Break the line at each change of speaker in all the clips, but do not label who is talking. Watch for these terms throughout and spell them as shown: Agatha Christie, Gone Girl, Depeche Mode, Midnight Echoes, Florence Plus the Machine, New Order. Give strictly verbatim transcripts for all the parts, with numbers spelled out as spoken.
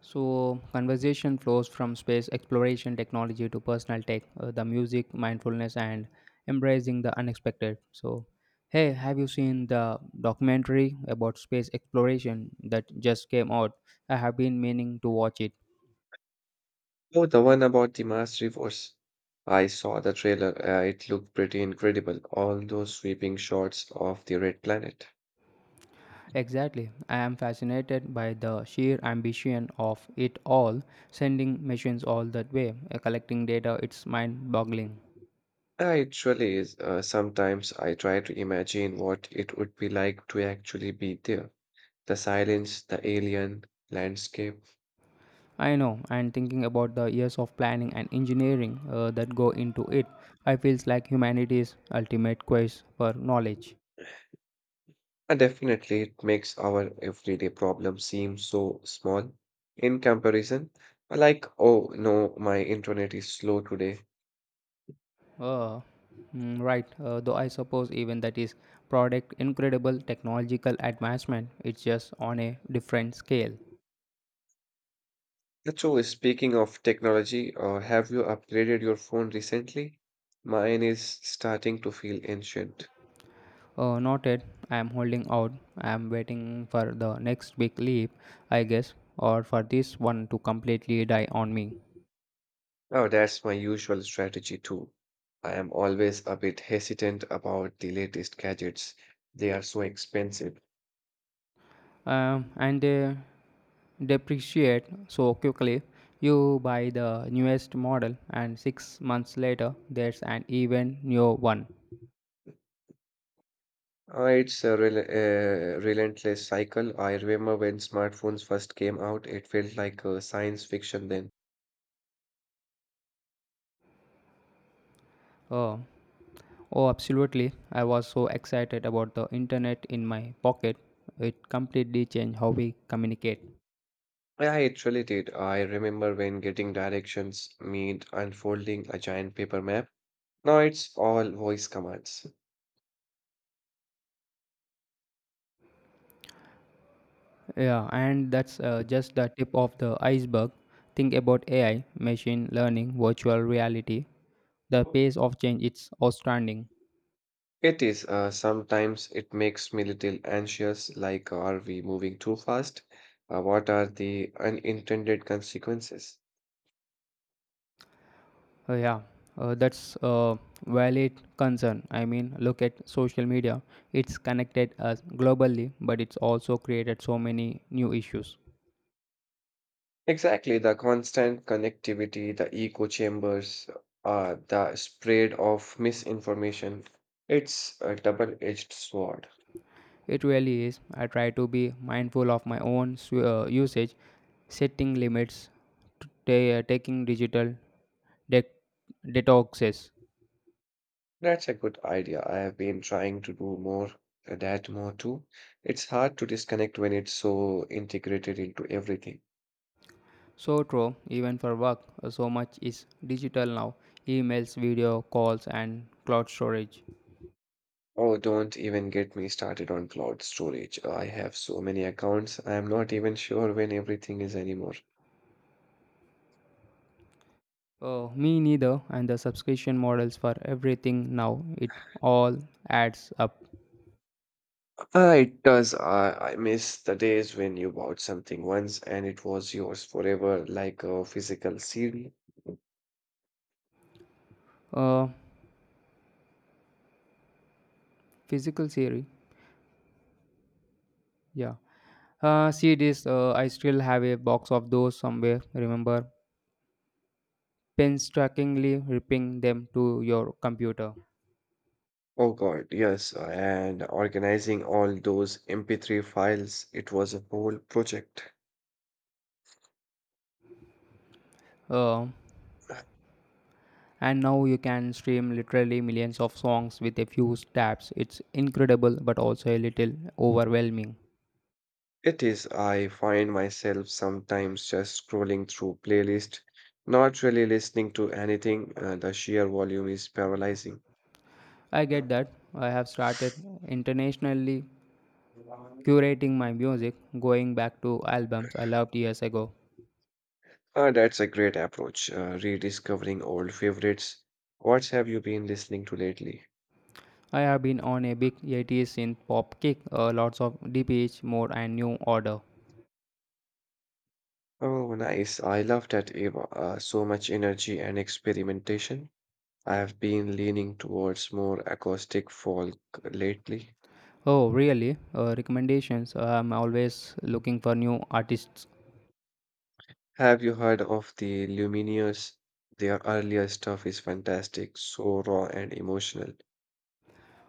So, conversation flows from space exploration technology to personal tech, uh, the music, mindfulness, and embracing the unexpected. So, hey, have you seen the documentary about space exploration that just came out? I have been meaning to watch it.
Oh, the one about the Mars reverse. I saw the trailer. Uh, it looked pretty incredible. All those sweeping shots of the red planet.
Exactly. I am fascinated by the sheer ambition of it all, sending machines all that way, uh, collecting data, it's mind boggling.
Uh, It really is. Uh, sometimes I try to imagine what it would be like to actually be there. The silence, the alien landscape.
I know, and thinking about the years of planning and engineering uh, that go into it, I feels like humanity's ultimate quest for knowledge.
And definitely, it makes our everyday problem seem so small in comparison. Like, oh no, my internet is slow today.
Uh, mm, right, uh, though I suppose even that is product incredible technological advancement. It's just on a different scale.
So, speaking of technology, uh, have you upgraded your phone recently? Mine is starting to feel ancient.
Uh, noted. I am holding out. I am waiting for the next big leap, I guess, or for this one to completely die on me.
Oh, that's my usual strategy too. I am always a bit hesitant about the latest gadgets. They are so expensive.
Um, and uh, depreciate so quickly. You buy the newest model, and six months later, there's an even newer one.
Uh, it's a rel uh, relentless cycle. I remember when smartphones first came out, it felt like uh, science fiction then.
Oh, oh, absolutely. I was so excited about the internet in my pocket. It completely changed how we communicate.
Yeah, it really did. I remember when getting directions meant unfolding a giant paper map. Now it's all voice commands.
Yeah, and that's uh, just the tip of the iceberg. Think about A I, machine learning, virtual reality. The pace of change is outstanding.
It is. Uh, sometimes it makes me little anxious, like are we moving too fast? Uh, what are the unintended consequences?
Uh, yeah, uh, that's a valid concern. I mean, look at social media. It's connected us globally, but it's also created so many new issues.
Exactly, the constant connectivity, the echo chambers, uh, the spread of misinformation. It's a double-edged sword.
It really is. I try to be mindful of my own su- uh, usage, setting limits, t- ta- taking digital de- detoxes.
That's a good idea. I have been trying to do more, uh, that more too. It's hard to disconnect when it's so integrated into everything.
So true, even for work, uh, so much is digital now emails, video calls, and cloud storage.
Oh, don't even get me started on cloud storage. I have so many accounts. I am not even sure when everything is anymore.
Oh, me neither. And the subscription models for everything now, it all adds up.
Ah, it does. I, I miss the days when you bought something once and it was yours forever, like a physical C D.
Uh, Physical theory, yeah. Uh, see this, uh, I still have a box of those somewhere, remember? Painstakingly ripping them to your computer.
Oh God, yes. And organizing all those M P three files, it was a whole project.
Uh, and now you can stream literally millions of songs with a few taps. It's incredible, but also a little overwhelming.
It is, I find myself sometimes just scrolling through playlist, not really listening to anything. Uh, the sheer volume is paralyzing.
I get that. I have started internationally curating my music, going back to albums I loved years ago.
Uh, that's a great approach, uh, rediscovering old favorites. What have you been listening to lately?
I have been on a big eighties synth pop kick, uh, lots of D P H, Mode, and New Order.
Oh, nice. I love that, Eva. Uh, so much energy and experimentation. I have been leaning towards more acoustic folk lately.
Oh, really? Uh, recommendations? I'm always looking for new artists.
Have you heard of the Lumineers? Their earlier stuff is fantastic, so raw and emotional.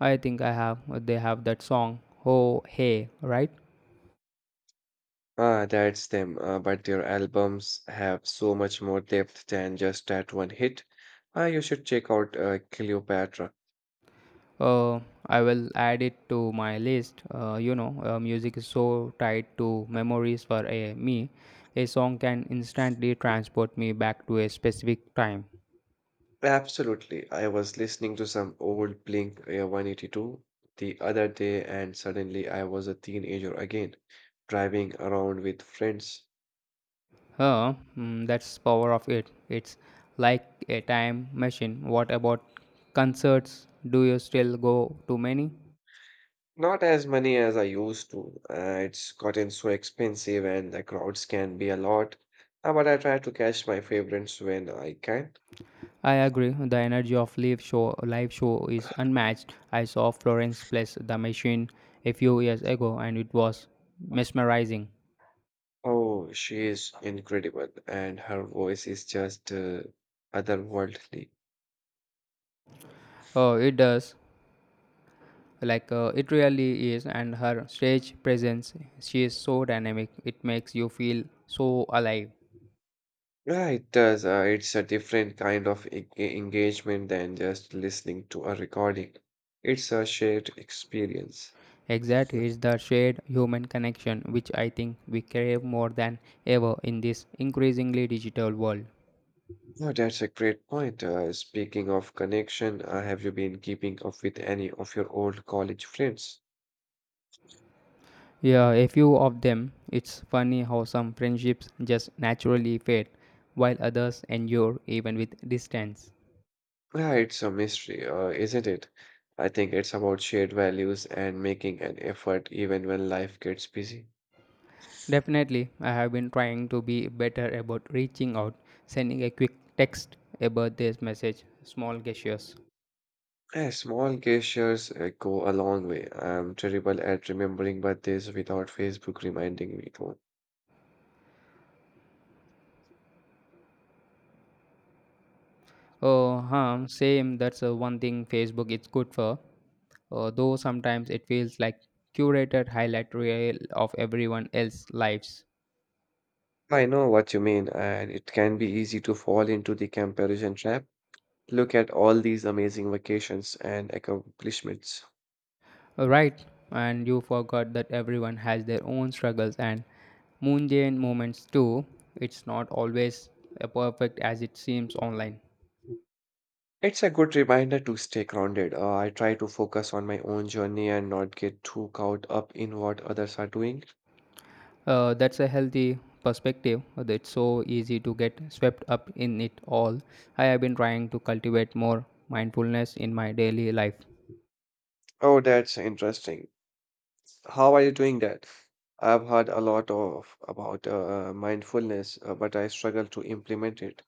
I think I have. They have that song. Oh, hey, right?
Ah, that's them, uh, but their albums have so much more depth than just that one hit. Ah, you should check out uh, Cleopatra.
Uh, I will add it to my list. Uh, you know, uh, music is so tied to memories for a, me. A song can instantly transport me back to a specific time.
Absolutely. I was listening to some old Blink uh, one eighty-two the other day, and suddenly I was a teenager again, driving around with friends.
Huh, mm, that's power of it. It's like a time machine. What about concerts? Do you still go to many?
Not as many as I used to. Uh, it's gotten so expensive and the crowds can be a lot. Uh, but I try to catch my favorites when I can.
I agree. The energy of live show live show is unmatched. I saw Florence Plus the Machine a few years ago, and it was mesmerizing.
Oh, she is incredible, and her voice is just uh, otherworldly.
Oh, it does. Like, uh, it really is, and her stage presence, she is so dynamic. It makes you feel so alive.
Yeah, it does. Uh, it's a different kind of e- e- engagement than just listening to a recording. It's a shared experience.
Exactly, it's the shared human connection which I think we crave more than ever in this increasingly digital world.
Oh, that's a great point. Uh, speaking of connection, uh, have you been keeping up with any of your old college friends?
Yeah, a few of them, it's funny how some friendships just naturally fade, while others endure even with distance.
Yeah, it's a mystery, uh, isn't it? I think it's about shared values and making an effort even when life gets busy.
Definitely, I have been trying to be better about reaching out, sending a quick text, a birthday message, small gestures.
Yeah, small gestures uh, go a long way. I'm terrible at remembering birthdays without Facebook reminding me though.
Oh, huh, same. That's uh, one thing Facebook is good for. Uh, though sometimes it feels like curated highlight reel of everyone else's lives.
I know what you mean, and it can be easy to fall into the comparison trap. Look at all these amazing vacations and accomplishments.
Right, and you forgot that everyone has their own struggles and mundane moments too. It's not always uh, perfect as it seems online.
It's a good reminder to stay grounded. Uh, I try to focus on my own journey and not get too caught up in what others are doing.
Uh, that's a healthy perspective. but It's so easy to get swept up in it all. I have been trying to cultivate more mindfulness in my daily life.
Oh, that's interesting. How are you doing that? I've heard a lot of about uh, mindfulness, uh, but I struggle to implement it.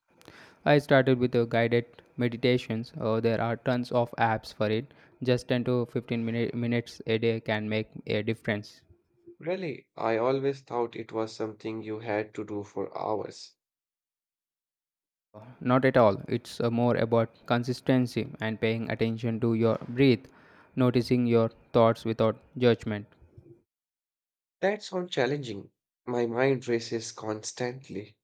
I started with uh, guided meditations. Uh, there are tons of apps for it. Just ten to fifteen minute, minutes a day can make a difference.
Really, I always thought it was something you had to do for hours.
Not at all. It's uh, more about consistency and paying attention to your breath, noticing your thoughts without judgment.
That sounds challenging. My mind races constantly.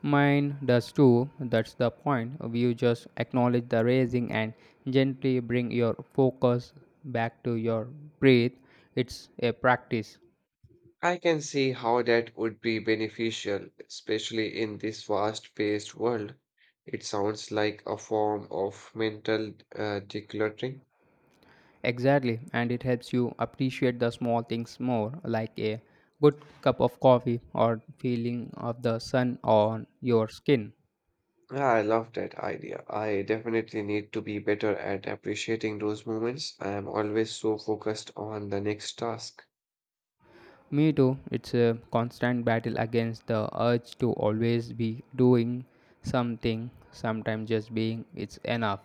Mine does too, that's the point. You just acknowledge the raising and gently bring your focus back to your breath. It's a practice.
I can see how that would be beneficial, especially in this fast-paced world. It sounds like a form of mental uh, decluttering.
Exactly, and it helps you appreciate the small things more, like a good cup of coffee or feeling of the sun on your skin.
Ah, I love that idea. I definitely need to be better at appreciating those moments. I am always so focused on the next task.
Me too, it's a constant battle against the urge to always be doing something, sometimes just being it's enough.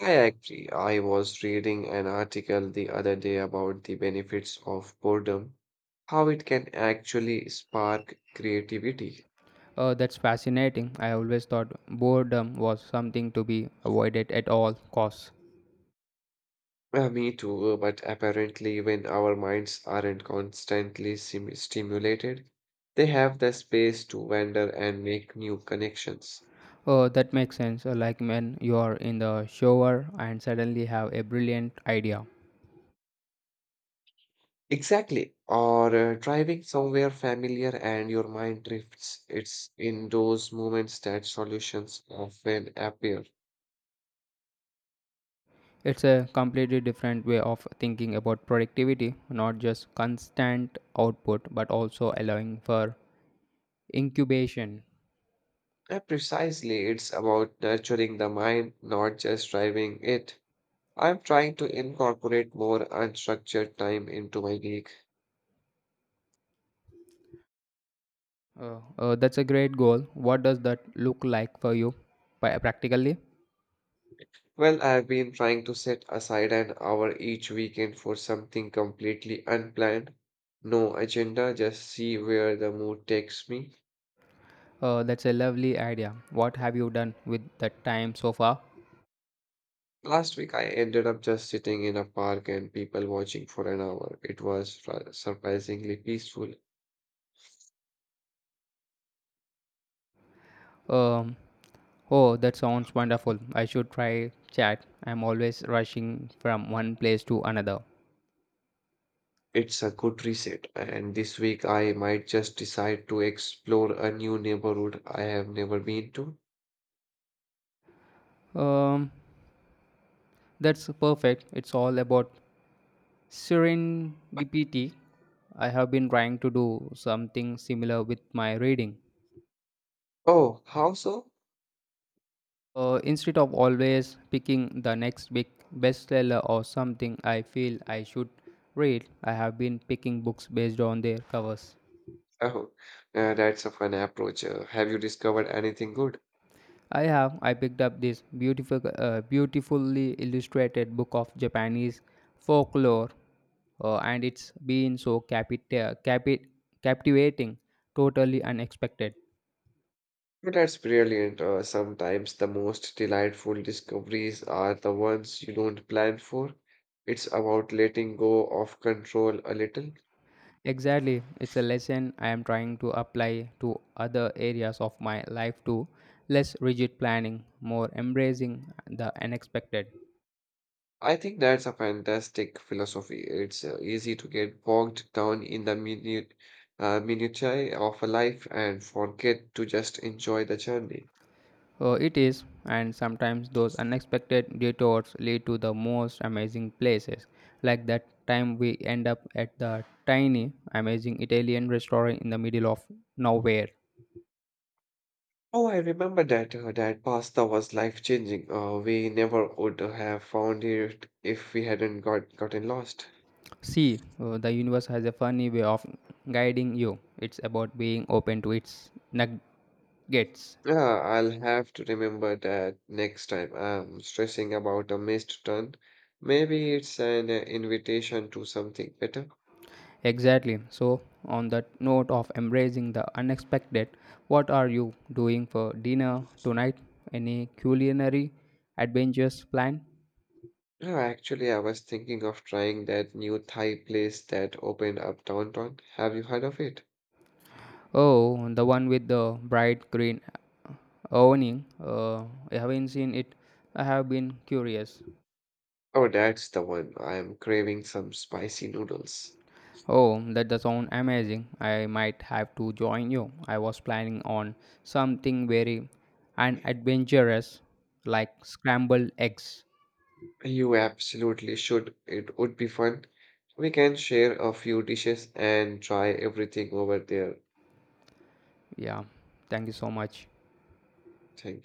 I agree. I was reading an article the other day about the benefits of boredom, how it can actually spark creativity.
Uh, that's fascinating. I always thought boredom was something to be avoided at all costs.
Uh, me too, uh, but apparently, when our minds aren't constantly sim- stimulated, they have the space to wander and make new connections.
Oh, that makes sense. Uh, Like when you are in the shower and suddenly have a brilliant idea.
Exactly. Or uh, driving somewhere familiar and your mind drifts. It's in those moments that solutions often appear.
It's a completely different way of thinking about productivity, not just constant output, but also allowing for incubation.
Uh, precisely, it's about nurturing the mind, not just driving it. I'm trying to incorporate more unstructured time into my week.
Uh, uh, that's a great goal. What does that look like for you pa- practically?
Well, I've been trying to set aside an hour each weekend for something completely unplanned. No agenda, just see where the mood takes me.
Uh, that's a lovely idea. What have you done with that time so far?
Last week, I ended up just sitting in a park and people watching for an hour. It was fr- surprisingly peaceful.
Um, oh, that sounds wonderful. I should try chat. I'm always rushing from one place to another.
It's a good reset, and this week I might just decide to explore a new neighborhood I have never been to.
Um, that's perfect. It's all about serendipity. I have been trying to do something similar with my reading.
Oh, how so?
Uh, instead of always picking the next big bestseller or something I feel I should read, I have been picking books based on their covers.
Oh, uh, that's a fun approach. Uh, have you discovered anything good?
i have I picked up this beautiful uh, beautifully illustrated book of japanese folklore. Uh, and it's been so capita- capi- captivating. Totally unexpected.
But that's brilliant. Uh, sometimes the most delightful discoveries are the ones you don't plan for. It's about letting go of control a little.
Exactly. It's a lesson I am trying to apply to other areas of my life too. Less rigid planning, more embracing the unexpected.
I think that's a fantastic philosophy. It's uh, easy to get bogged down in the minute, uh, minutiae of a life and forget to just enjoy the journey.
Oh, it is, and sometimes those unexpected detours lead to the most amazing places. Like that time we end up at the tiny, amazing Italian restaurant in the middle of nowhere.
Oh, I remember that uh, that pasta was life-changing. Uh, we never would have found it if we hadn't got gotten lost.
See, uh, the universe has a funny way of guiding you. It's about being open to its nuggets.
Yeah, I'll have to remember that next time I'm stressing about a missed turn. Maybe it's an uh, invitation to something better.
Exactly. So, on that note of embracing the unexpected, what are you doing for dinner tonight? Any culinary adventures planned?
No, actually, I was thinking of trying that new Thai place that opened up downtown. Have you heard of it?
Oh, the one with the bright green awning. Uh, I haven't seen it. I have been curious.
Oh, that's the one. I am craving some spicy noodles.
Oh, that does sound amazing. I might have to join you. I was planning on something very unadventurous, like scrambled eggs.
You absolutely should. It would be fun. We can share a few dishes and try everything over there.
Yeah, thank you so much.
Thank